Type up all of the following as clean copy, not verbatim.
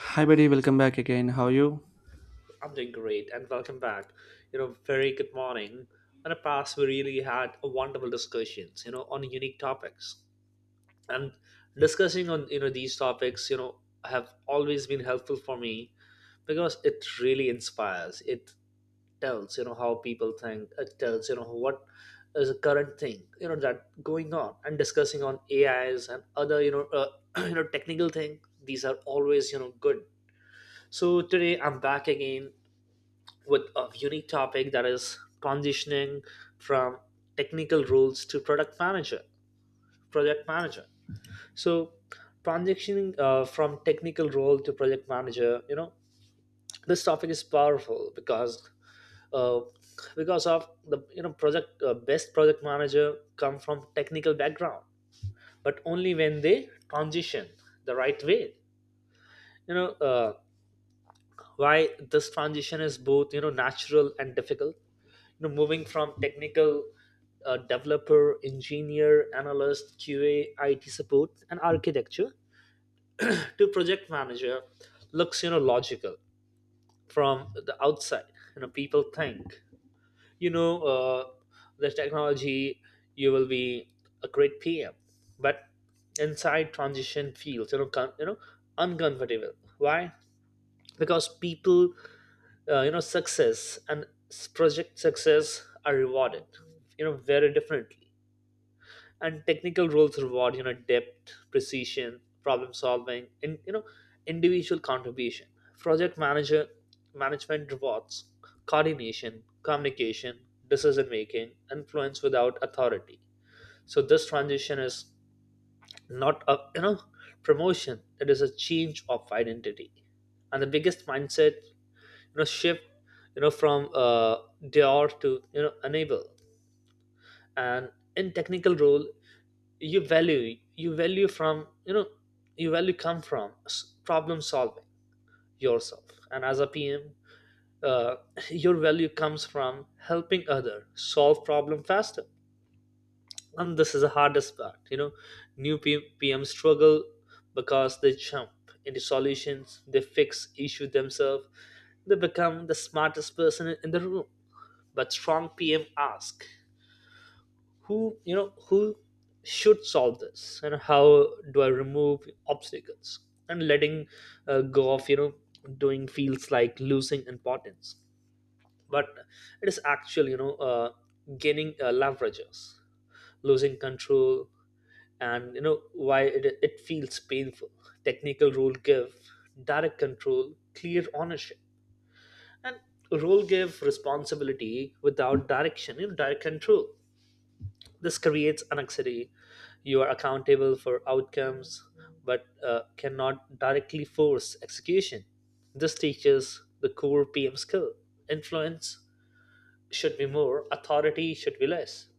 Hi, buddy. Welcome back again. How are you? I'm doing great and welcome back. Very good morning. In the past, we really had a wonderful discussions, on unique topics. And discussing on, these topics, have always been helpful for me because it really inspires. It tells, how people think. It tells, what is a current thing, that going on and discussing on AIs and other, technical thing. These are always, good. So today I'm back again with a unique topic that is transitioning from technical roles to product manager, project manager. So transitioning from technical role to project manager. This topic is powerful uh, because of the you know project best project manager come from technical background, but only when they transition the right way. you know uh, why this transition is both natural and difficult. You know, moving from technical developer, engineer, analyst, QA, IT support, and architecture to project manager looks logical from the outside. You know, people think you know uh, the technology, you will be a great PM, but inside transition feels uncomfortable. Why? Because people project success are rewarded very differently. And technical roles reward depth, precision, problem solving, and individual contribution. Project manager management rewards coordination, communication, decision making, influence without authority. So this transition is not a promotion, it is a change of identity. And the biggest mindset shift, you know from dare to enable. And in technical role, you value from you know you value come from problem solving yourself, and as a PM, uh, your value comes from helping other solve problem faster. And this is the hardest part. New PM struggle because they jump into solutions, they fix issue themselves, they become the smartest person in the room. But strong PM ask, who you know who should solve this, and how do I remove obstacles? And letting go of doing feels like losing importance, but it is actually gaining leverages, losing control. And you know why it feels painful. Technical rule give direct control, clear ownership, and role give responsibility without direction, direct control. This creates anxiety. You are accountable for outcomes, but cannot directly force execution. This teaches the core PM skill. Influence should be more, authority should be less.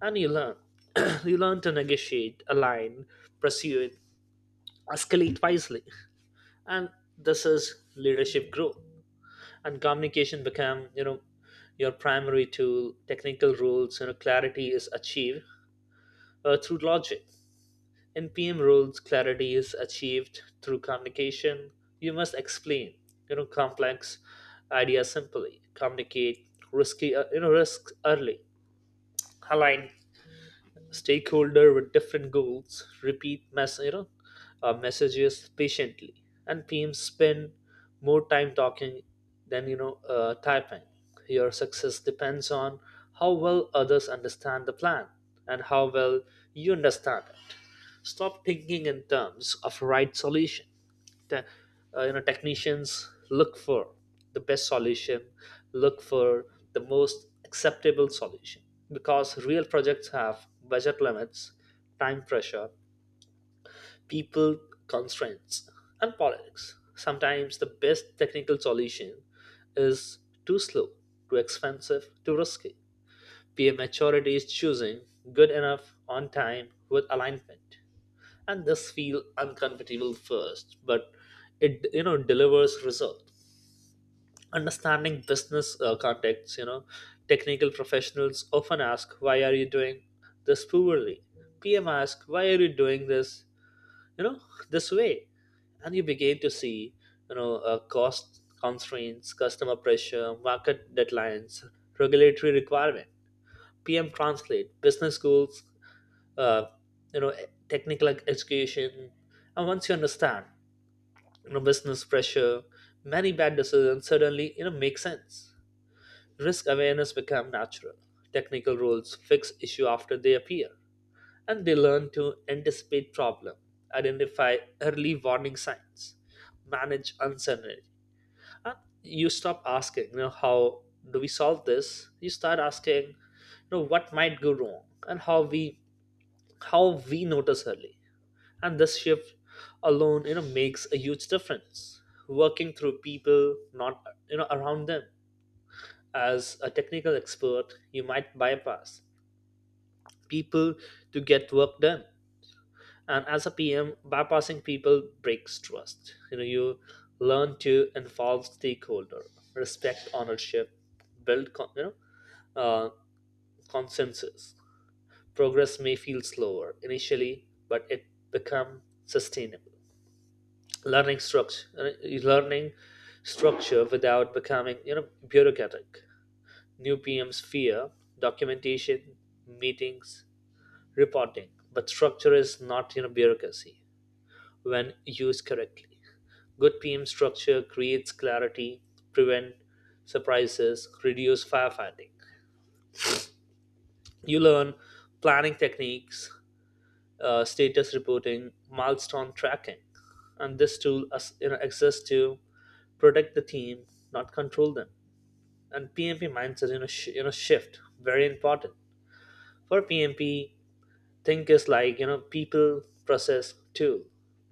And you learn. You learn to negotiate, align, pursue it, escalate wisely. And this is leadership growth. And communication become, your primary tool. Technical rules, clarity is achieved through logic. In PM rules, clarity is achieved through communication. You must explain, complex ideas simply. Communicate risks early. Align stakeholder with different goals, repeat messages patiently. And teams spend more time talking than typing. Your success depends on how well others understand the plan, and how well you understand it. Stop thinking in terms of right solution. te- Technicians look for the best solution. Look for the most acceptable solution, because real projects have budget limits, time pressure, people, constraints, and politics. Sometimes the best technical solution is too slow, too expensive, too risky. Peer maturity is choosing good enough, on time, with alignment. And this feel uncomfortable first, but it delivers result. Understanding business context. Technical professionals often ask, why are you doing this poorly? PM asks, why are you doing this, you know this way? And you begin to see cost constraints, customer pressure, market deadlines, regulatory requirement. PM Translate, business schools, uh, you know, technical education. And once you understand, business pressure, many bad decisions suddenly, make sense. Risk awareness become natural. Technical rules fix issue after they appear, and they learn to anticipate problem, identify early warning signs, manage uncertainty, and you stop asking, how do we solve this? You start asking, what might go wrong, and how we notice early. And this shift alone makes a huge difference. Working through people, not around them. As a technical expert, you might bypass people to get work done. And as a PM, bypassing people breaks trust. You learn to involve stakeholder, respect ownership, build uh, consensus. Progress may feel slower initially, but it become sustainable. learning structure Learning structure without becoming bureaucratic. New PMs fear documentation, meetings, reporting, but structure is not bureaucracy when used correctly. Good PM structure creates clarity, prevent surprises, reduce firefighting. You learn planning techniques, status reporting, milestone tracking, and this tool exists to protect the team, not control them. And PMP mindset, shift very important for PMP. Think is like people, process, tool,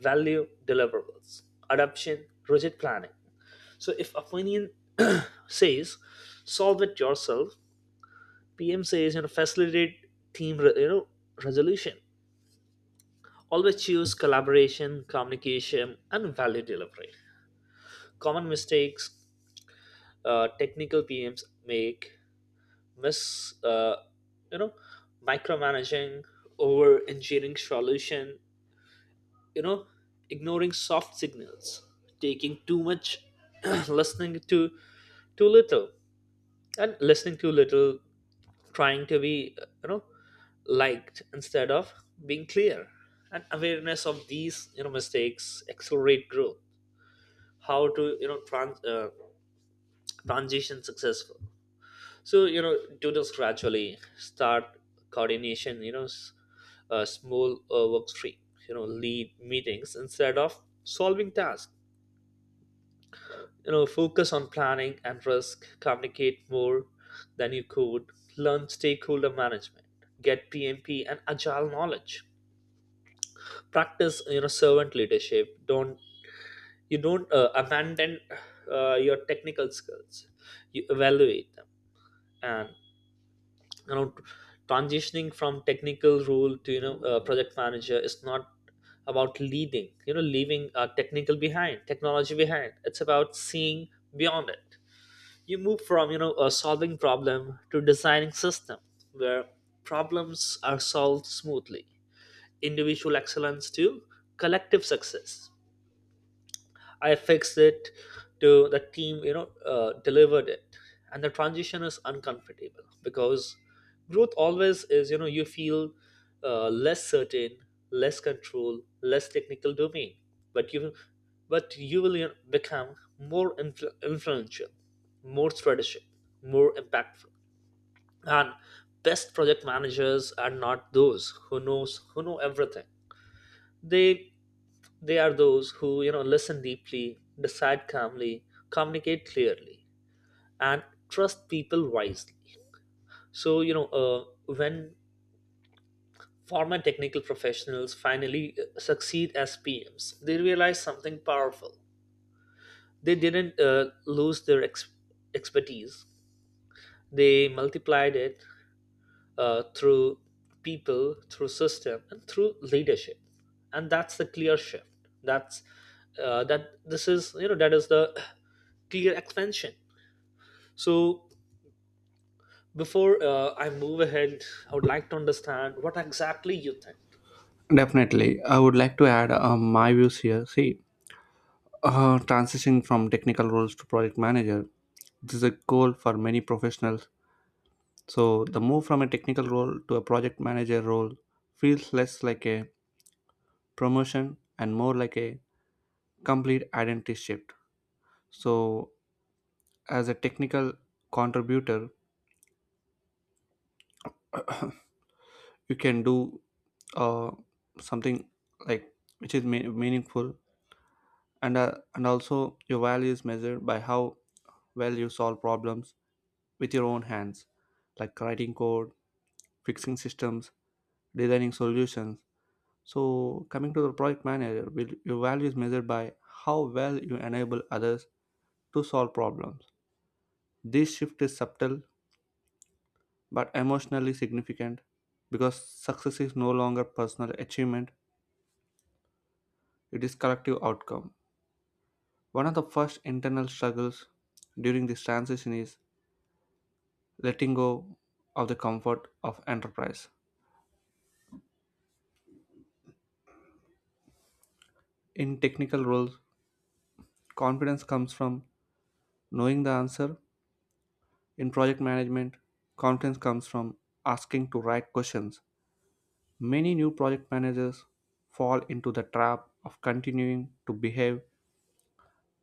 value, deliverables, adoption, rigid planning. So if opinion says solve it yourself, PM says, facilitate team re- you know resolution. Always choose collaboration, communication, and value delivery. Common mistakes technical PMs make: miss you know micromanaging, over engineering solution, you know ignoring soft signals, taking too much, listening to too little and listening too little, trying to be liked instead of being clear. And awareness of these mistakes accelerate growth. How to transition successful? So, do this gradually. Start coordination, small work stream. Lead meetings instead of solving tasks. Focus on planning and risk, communicate more than you could, learn stakeholder management, get PMP and agile knowledge, practice servant leadership. Don't you don't abandon your technical skills, you evaluate them. And, you know transitioning from technical role to project manager is not about leading you know leaving technical behind, technology behind. It's about seeing beyond it. You move from you know a solving problem to designing system where problems are solved smoothly, individual excellence to collective success. I fixed it, to the team, delivered it. And the transition is uncomfortable because growth always is. You feel less certain, less control, less technical domain. but you, but you will, become more influential, more strategic, more impactful. And best project managers are not those who know everything. They they are those who, listen deeply, decide calmly, communicate clearly, and trust people wisely. So, when former technical professionals finally succeed as PMs, they realize something powerful. They didn't lose their expertise, they multiplied it through people, through system, and through leadership. And that's the clear shift. That's that this is you know that is the clear expansion. So before I move ahead, I would like to understand what exactly you think. Definitely. I would like to add my views here. See, transitioning from technical roles to project manager, this is a goal for many professionals. So, the move from a technical role to a project manager role feels less like a promotion and more like a complete identity shift. So, as a technical contributor, you can do uh, something like which is meaningful and also your value is measured by how well you solve problems with your own hands, like writing code, fixing systems, designing solutions. So coming to the project manager, your value is measured by how well you enable others to solve problems. This shift is subtle but emotionally significant because success is no longer personal achievement, it is collective outcome. One of the first internal struggles during this transition is letting go of the comfort of enterprise. In technical roles, confidence comes from knowing the answer. In project management, confidence comes from asking to right questions. Many new project managers fall into the trap of continuing to behave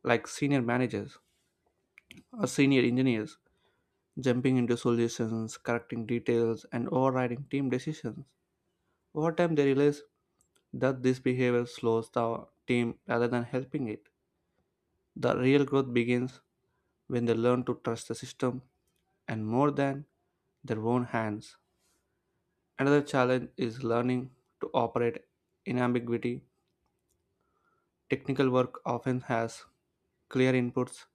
like senior managers or senior engineers, jumping into solutions, correcting details, and overriding team decisions. Over time, they realize that this behavior slows the team rather than helping it. The real growth begins when they learn to trust the system and more than their own hands. Another challenge is learning to operate in ambiguity. Technical work often has clear inputs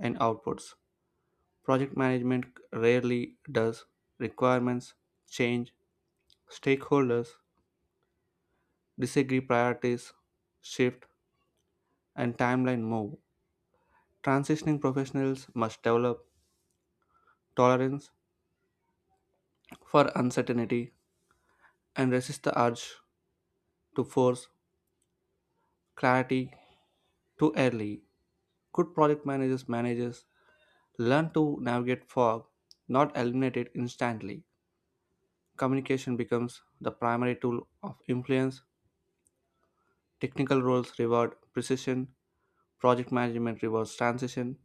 and outputs. Project management rarely does. Requirements change, stakeholders disagree, priorities shift, and timeline move. Transitioning professionals must develop tolerance for uncertainty and resist the urge to force clarity too early. Good project managers learn to navigate fog, not eliminate it instantly. Communication becomes the primary tool of influence. Technical roles reward precision, project management rewards transition.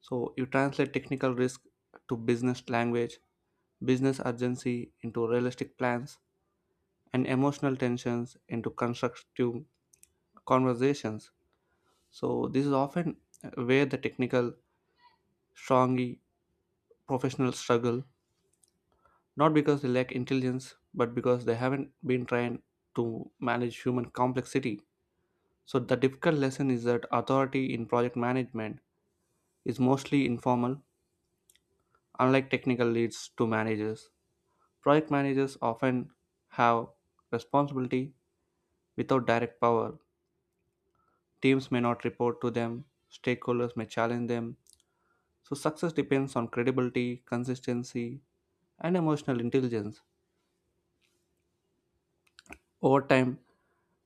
So you translate technical risk to business language, business urgency into realistic plans, and emotional tensions into constructive conversations. So this is often where the technical, strongly professionals struggle, not because they lack intelligence, but because they haven't been trained to manage human complexity. So the difficult lesson is that authority in project management is mostly informal, unlike technical leads to managers. Project managers often have responsibility without direct power. Teams may not report to them, stakeholders may challenge them. So, success depends on credibility, consistency, and emotional intelligence. Over time,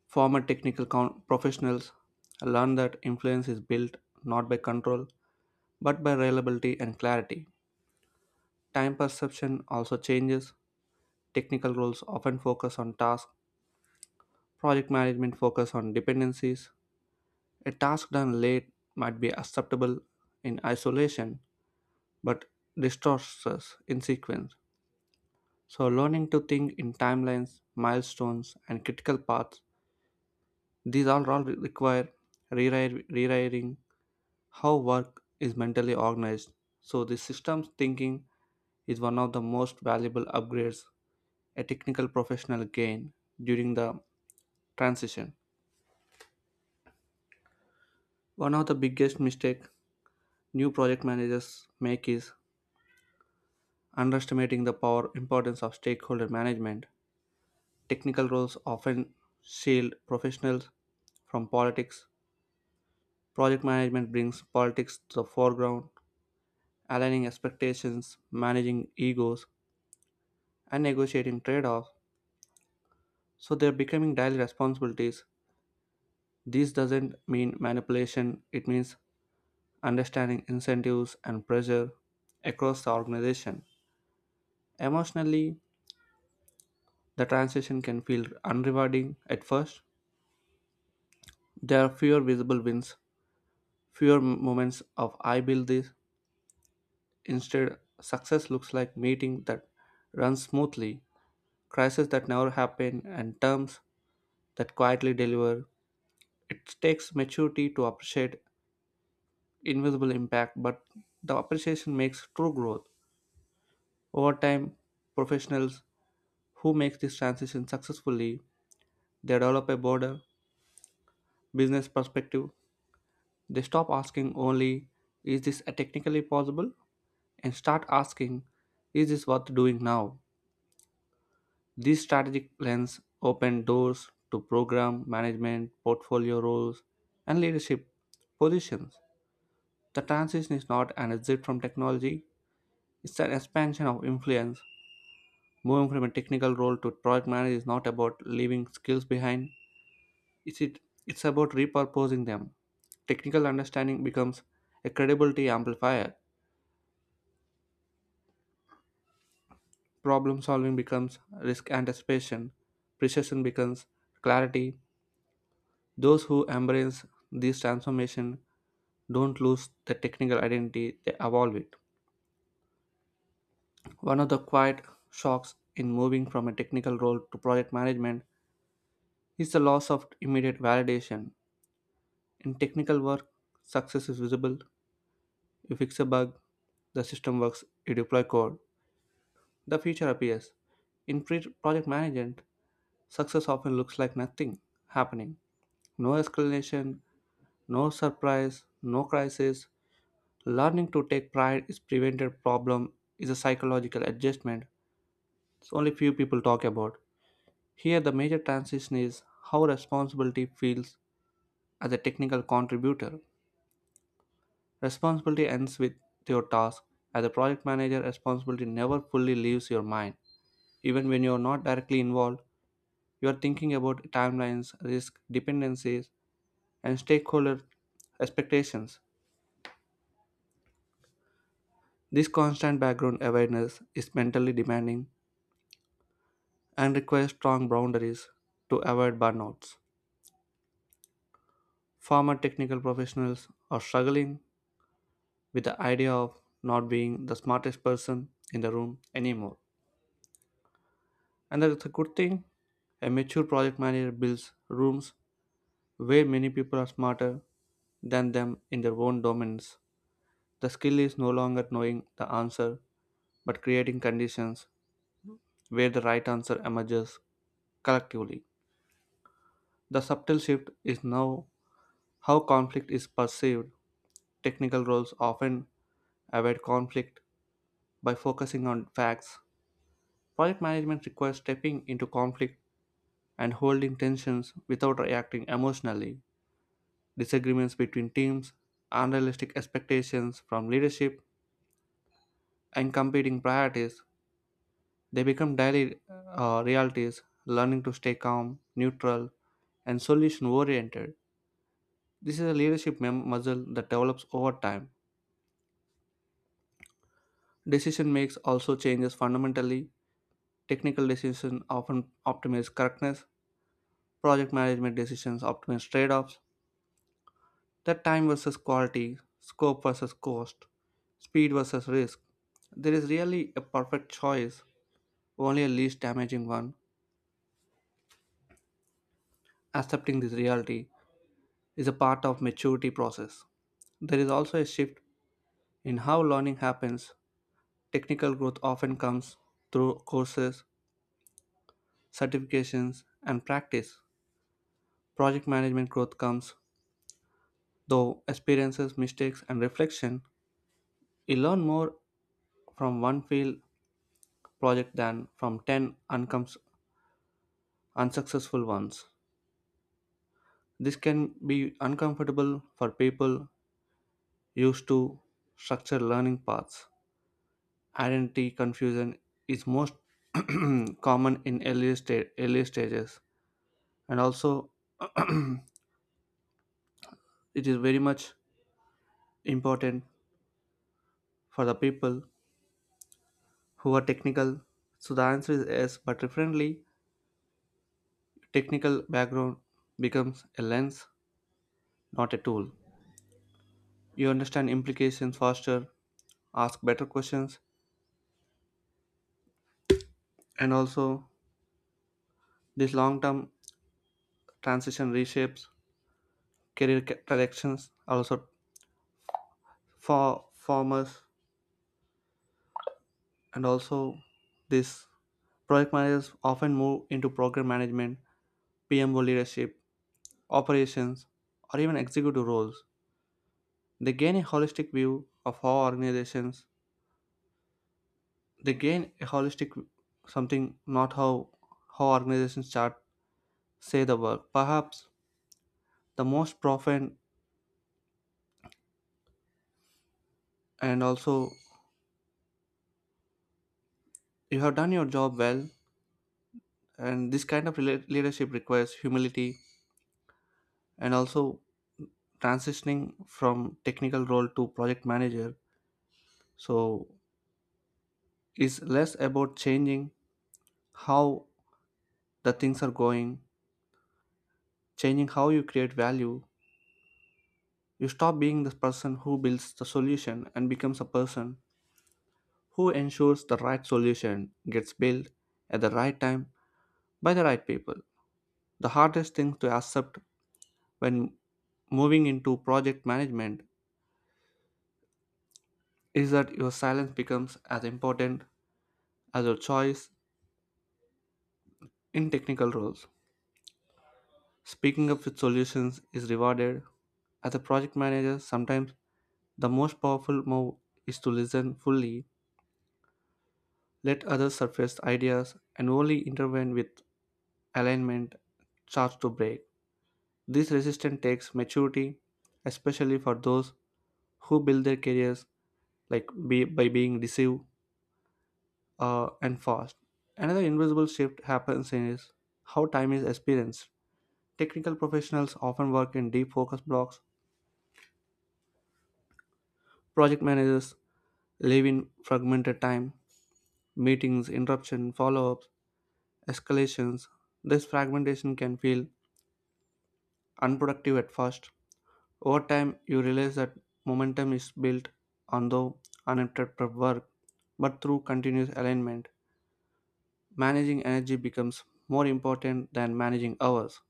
former technical professionals learn that influence is built not by control but by reliability and clarity. Time perception also changes. Technical roles often focus on tasks, project management focus on dependencies. A task done late might be acceptable in isolation but distorts us in sequence. So, learning to think in timelines, milestones, and critical paths, these all require rewriting how work is mentally organized. So, the systems thinking is one of the most valuable upgrades a technical professional gain during the transition. One of the biggest mistakes new project managers make is underestimating the power importance of stakeholder management. Technical roles often shield professionals from politics. Project management brings politics to the foreground, aligning expectations, managing egos, and negotiating trade offs. So they're becoming daily responsibilities. This doesn't mean manipulation, it means understanding incentives and pressure across the organization. Emotionally, the transition can feel unrewarding at first. There are fewer visible wins, fewer moments of I build this. Instead, success looks like meeting that runs smoothly, crises that never happen, and terms that quietly deliver. It takes maturity to appreciate invisible impact, but the appreciation makes true growth. Over time, professionals who make this transition successfully, they develop a broader business perspective. They stop asking only, is this technically possible? And start asking, is this worth doing now? These strategic plans open doors to program management, portfolio roles, and leadership positions. The transition is not an exit from technology, it's an expansion of influence. Moving from a technical role to project manager is not about leaving skills behind, it's, it, it's about repurposing them. Technical understanding becomes a credibility amplifier, problem solving becomes risk anticipation, precision becomes clarity. Those who embrace this transformation don't lose their technical identity, they evolve it. One of the quiet shocks in moving from a technical role to project management is the loss of immediate validation. In technical work, success is visible. You fix a bug, the system works, you deploy code, the feature appears. In project management, success often looks like nothing happening. No escalation, no surprise, no crisis. Learning to take pride is prevented problem is a psychological adjustment it's only few people talk about. Here the major transition is how responsibility feels as a technical contributor. Responsibility ends with your task. As a project manager, responsibility never fully leaves your mind. Even when you are not directly involved, you are thinking about timelines, risk, dependencies, and stakeholder expectations. This constant background awareness is mentally demanding and require strong boundaries to avoid burnouts. Former technical professionals are struggling with the idea of not being the smartest person in the room anymore. And that's a good thing. A mature project manager builds rooms where many people are smarter than them in their own domains. The skill is no longer knowing the answer, but creating conditions where the right answer emerges collectively. The subtle shift is now how conflict is perceived. Technical roles often avoid conflict by focusing on facts. Project management requires stepping into conflict and holding tensions without reacting emotionally. Disagreements between teams, unrealistic expectations from leadership, and competing priorities, they become daily realities, learning to stay calm, neutral, and solution oriented. This is a leadership muscle that develops over time. Decision makes also changes fundamentally. Technical decisions often optimize correctness. Project management decisions optimize trade offs. That time versus quality, scope versus cost, speed versus risk. There is really a perfect choice, only a least damaging one. Accepting this reality is a part of maturity process. There is also a shift in how learning happens. Technical growth often comes through courses, certifications, and practice. Project management growth comes, though, experiences, mistakes, and reflection. You learn more from one failed project than from 10 unsuccessful ones. This can be uncomfortable for people used to structured learning paths. Identity confusion is most common in early stages, and also it is very much important for the people who are technical. So the answer is yes, but differently technical background becomes a lens, not a tool. You understand implications faster, ask better questions, and also this long term transition reshapes career directions also for farmers and also this project managers often move into program management, PMO leadership, operations, or even executive roles. They gain a holistic view of how organizations they gain a holistic something not how how organizations chart say the work perhaps the most profound and also you have done your job well and this kind of leadership requires humility and also transitioning from technical role to project manager so is less about changing how the things are going, changing how you create value. You stop being the person who builds the solution and becomes a person who ensures the right solution gets built at the right time by the right people. The hardest thing to accept when moving into project management is that your silence becomes as important as your choice in technical roles. Speaking up with solutions is rewarded. As a project manager, sometimes the most powerful move is to listen fully, let others surface ideas, and only intervene with alignment charts to break. This resistance takes maturity, especially for those who build their careers like by being deceived and fast. Another invisible shift happens in is how time is experienced. Technical professionals often work in deep focus blocks. Project managers live in fragmented time, meetings, interruption, follow-ups, escalations. This fragmentation can feel unproductive at first. Over time, you realize that momentum is built on the uninterrupted work, but through continuous alignment, managing energy becomes more important than managing hours.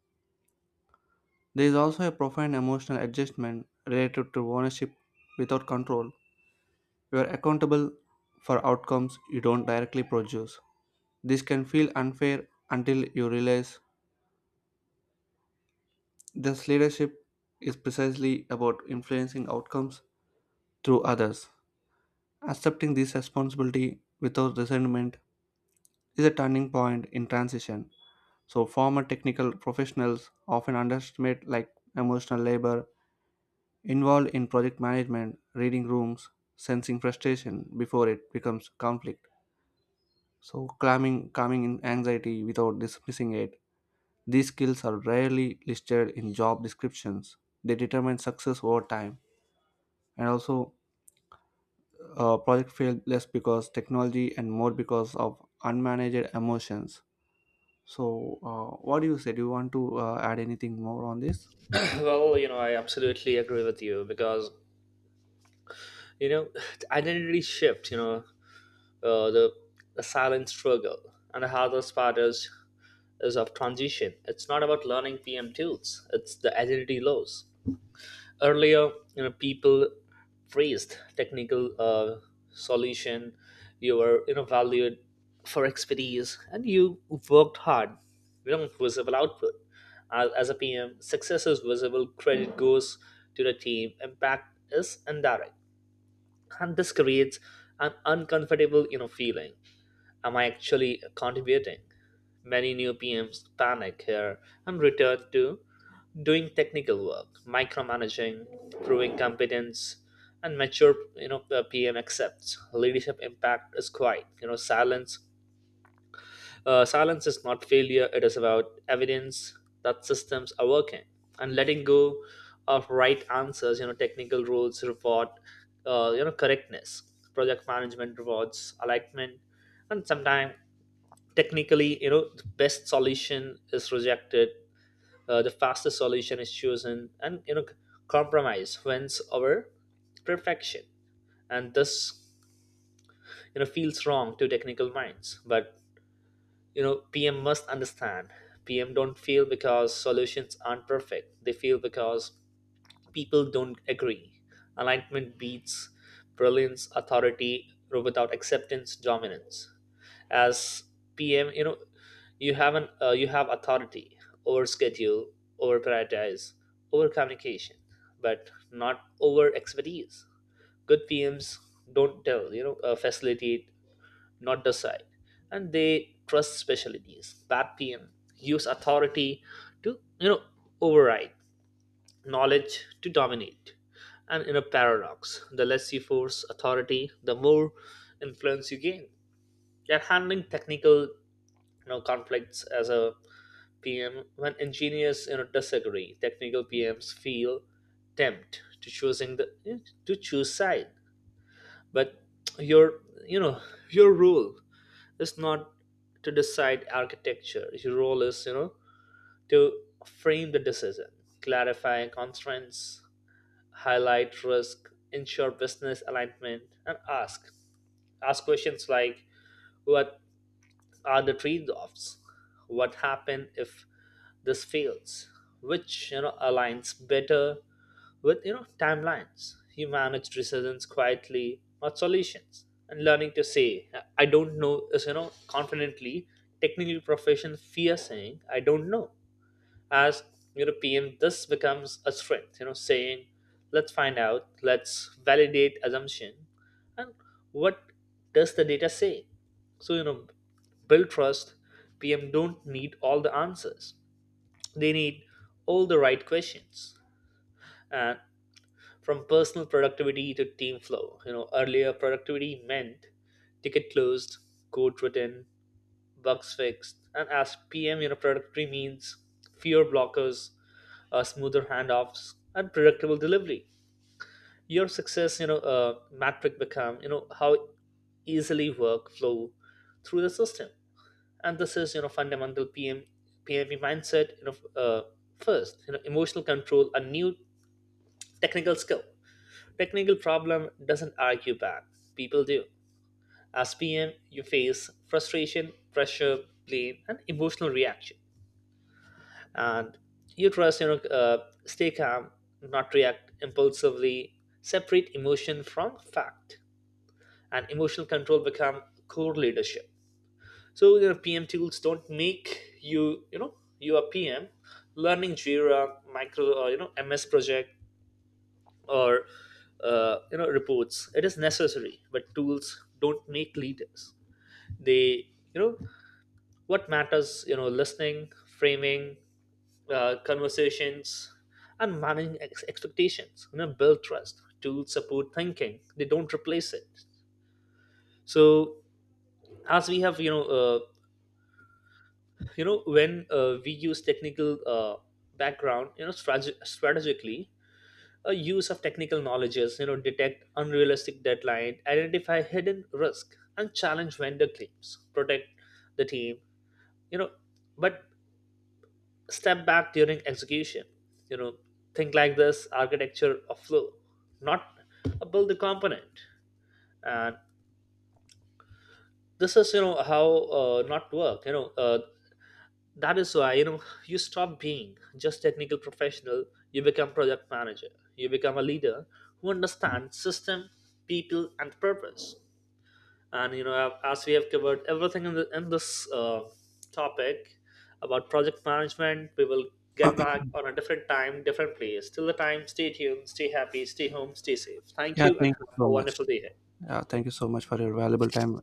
There is also a profound emotional adjustment related to ownership without control. You are accountable for outcomes you don't directly produce. This can feel unfair until you realize this leadership is precisely about influencing outcomes through others. Accepting this responsibility without resentment is a turning point in transition. So, former technical professionals often underestimate like emotional labor involved in project management, reading rooms, sensing frustration before it becomes conflict. So, calming in anxiety without dismissing it. These skills are rarely listed in job descriptions. They determine success over time. And also, project failed less because technology and more because of unmanaged emotions. So, what do you say? Do you want to add anything more on this? Well, you know, I absolutely agree with you because, you know identity shift. You know, uh, the, the silent struggle, and the hardest part is of transition. It's not about learning PM tools; it's the agility laws. Earlier, you know, people praised technical solution. You were, valued for expertise, and you worked hard. You know, visible output. As a PM, success is visible. Credit goes to the team. Impact is indirect, and this creates an uncomfortable, feeling, am I actually contributing? Many new PMs panic here and return to doing technical work, micromanaging, proving competence. And mature, the PM accepts leadership impact is quiet. You know silence. Silence is not failure. It is about evidence that systems are working, and letting go of right answers. You know, technical rules reward correctness. Project management rewards alignment, and sometimes technically, the best solution is rejected, the fastest solution is chosen, and compromise wins over perfection. And this, feels wrong to technical minds. But PM must understand, PM don't feel because solutions aren't perfect, they feel because people don't agree. Alignment beats brilliance. Authority without acceptance, dominance. As PM, you have an you have authority over schedule, over prioritize, over communication, but not over expertise. Good PMs don't tell, facilitate, not decide, and they trust specialties. Bad PM use authority to, override knowledge, to dominate. And in a paradox, the less you force authority, the more influence you gain. You're handling technical, conflicts as a PM when engineers, disagree. Technical PMs feel tempted to choose side, but your you know your role is not to decide architecture. Your role is, to frame the decision, clarify constraints, highlight risk, ensure business alignment, and ask questions like, what are the trade-offs, what happen if this fails, which, aligns better with, timelines. You manage decisions quietly, not solutions. And learning to say I don't know is, confidently. Technical profession fear saying I don't know. As European, this becomes a strength, you know, saying, let's find out, let's validate assumption, and what does the data say? So, you know, build trust, PM don't need all the answers. They need all the right questions. And from personal productivity to team flow, you know, earlier productivity meant ticket closed, code written, bugs fixed. And as PM, you know, productivity means fewer blockers, smoother handoffs, and predictable delivery. Your success, metric become, you know, how easily work flow through the system. And this is, you know, fundamental PM PME mindset. You know, uh, first, you know, emotional control, a new technical skill. Technical problem doesn't argue back. People do. As PM, you face frustration, pressure, blame, and emotional reaction. And you trust, stay calm, not react impulsively, separate emotion from fact. And emotional control become core leadership. So your PM tools don't make you, you know you are PM. Learning Jira, micro, or MS project, or reports, it is necessary, but tools don't make leaders. They you know What matters, listening, framing, conversations, and managing expectations, build trust. Tools support thinking, they don't replace it. So, as we have, when we use technical, background, strategically, a use of technical knowledge is, detect unrealistic deadline, identify hidden risk, and challenge vendor claims, protect the team, you know but step back during execution. You know, think like this architecture of flow, not a build the component. And this is, how not work. That is why, you stop being just technical professional. You become project manager. You become a leader who understands system, people, and purpose. And, as we have covered everything in, in this topic about project management, we will get back on a different time, different place. Till the time, stay tuned, stay happy, stay home, stay safe. Thank Yeah, you and thank you have so a much. wonderful day ahead. Yeah, thank you so much for your valuable time.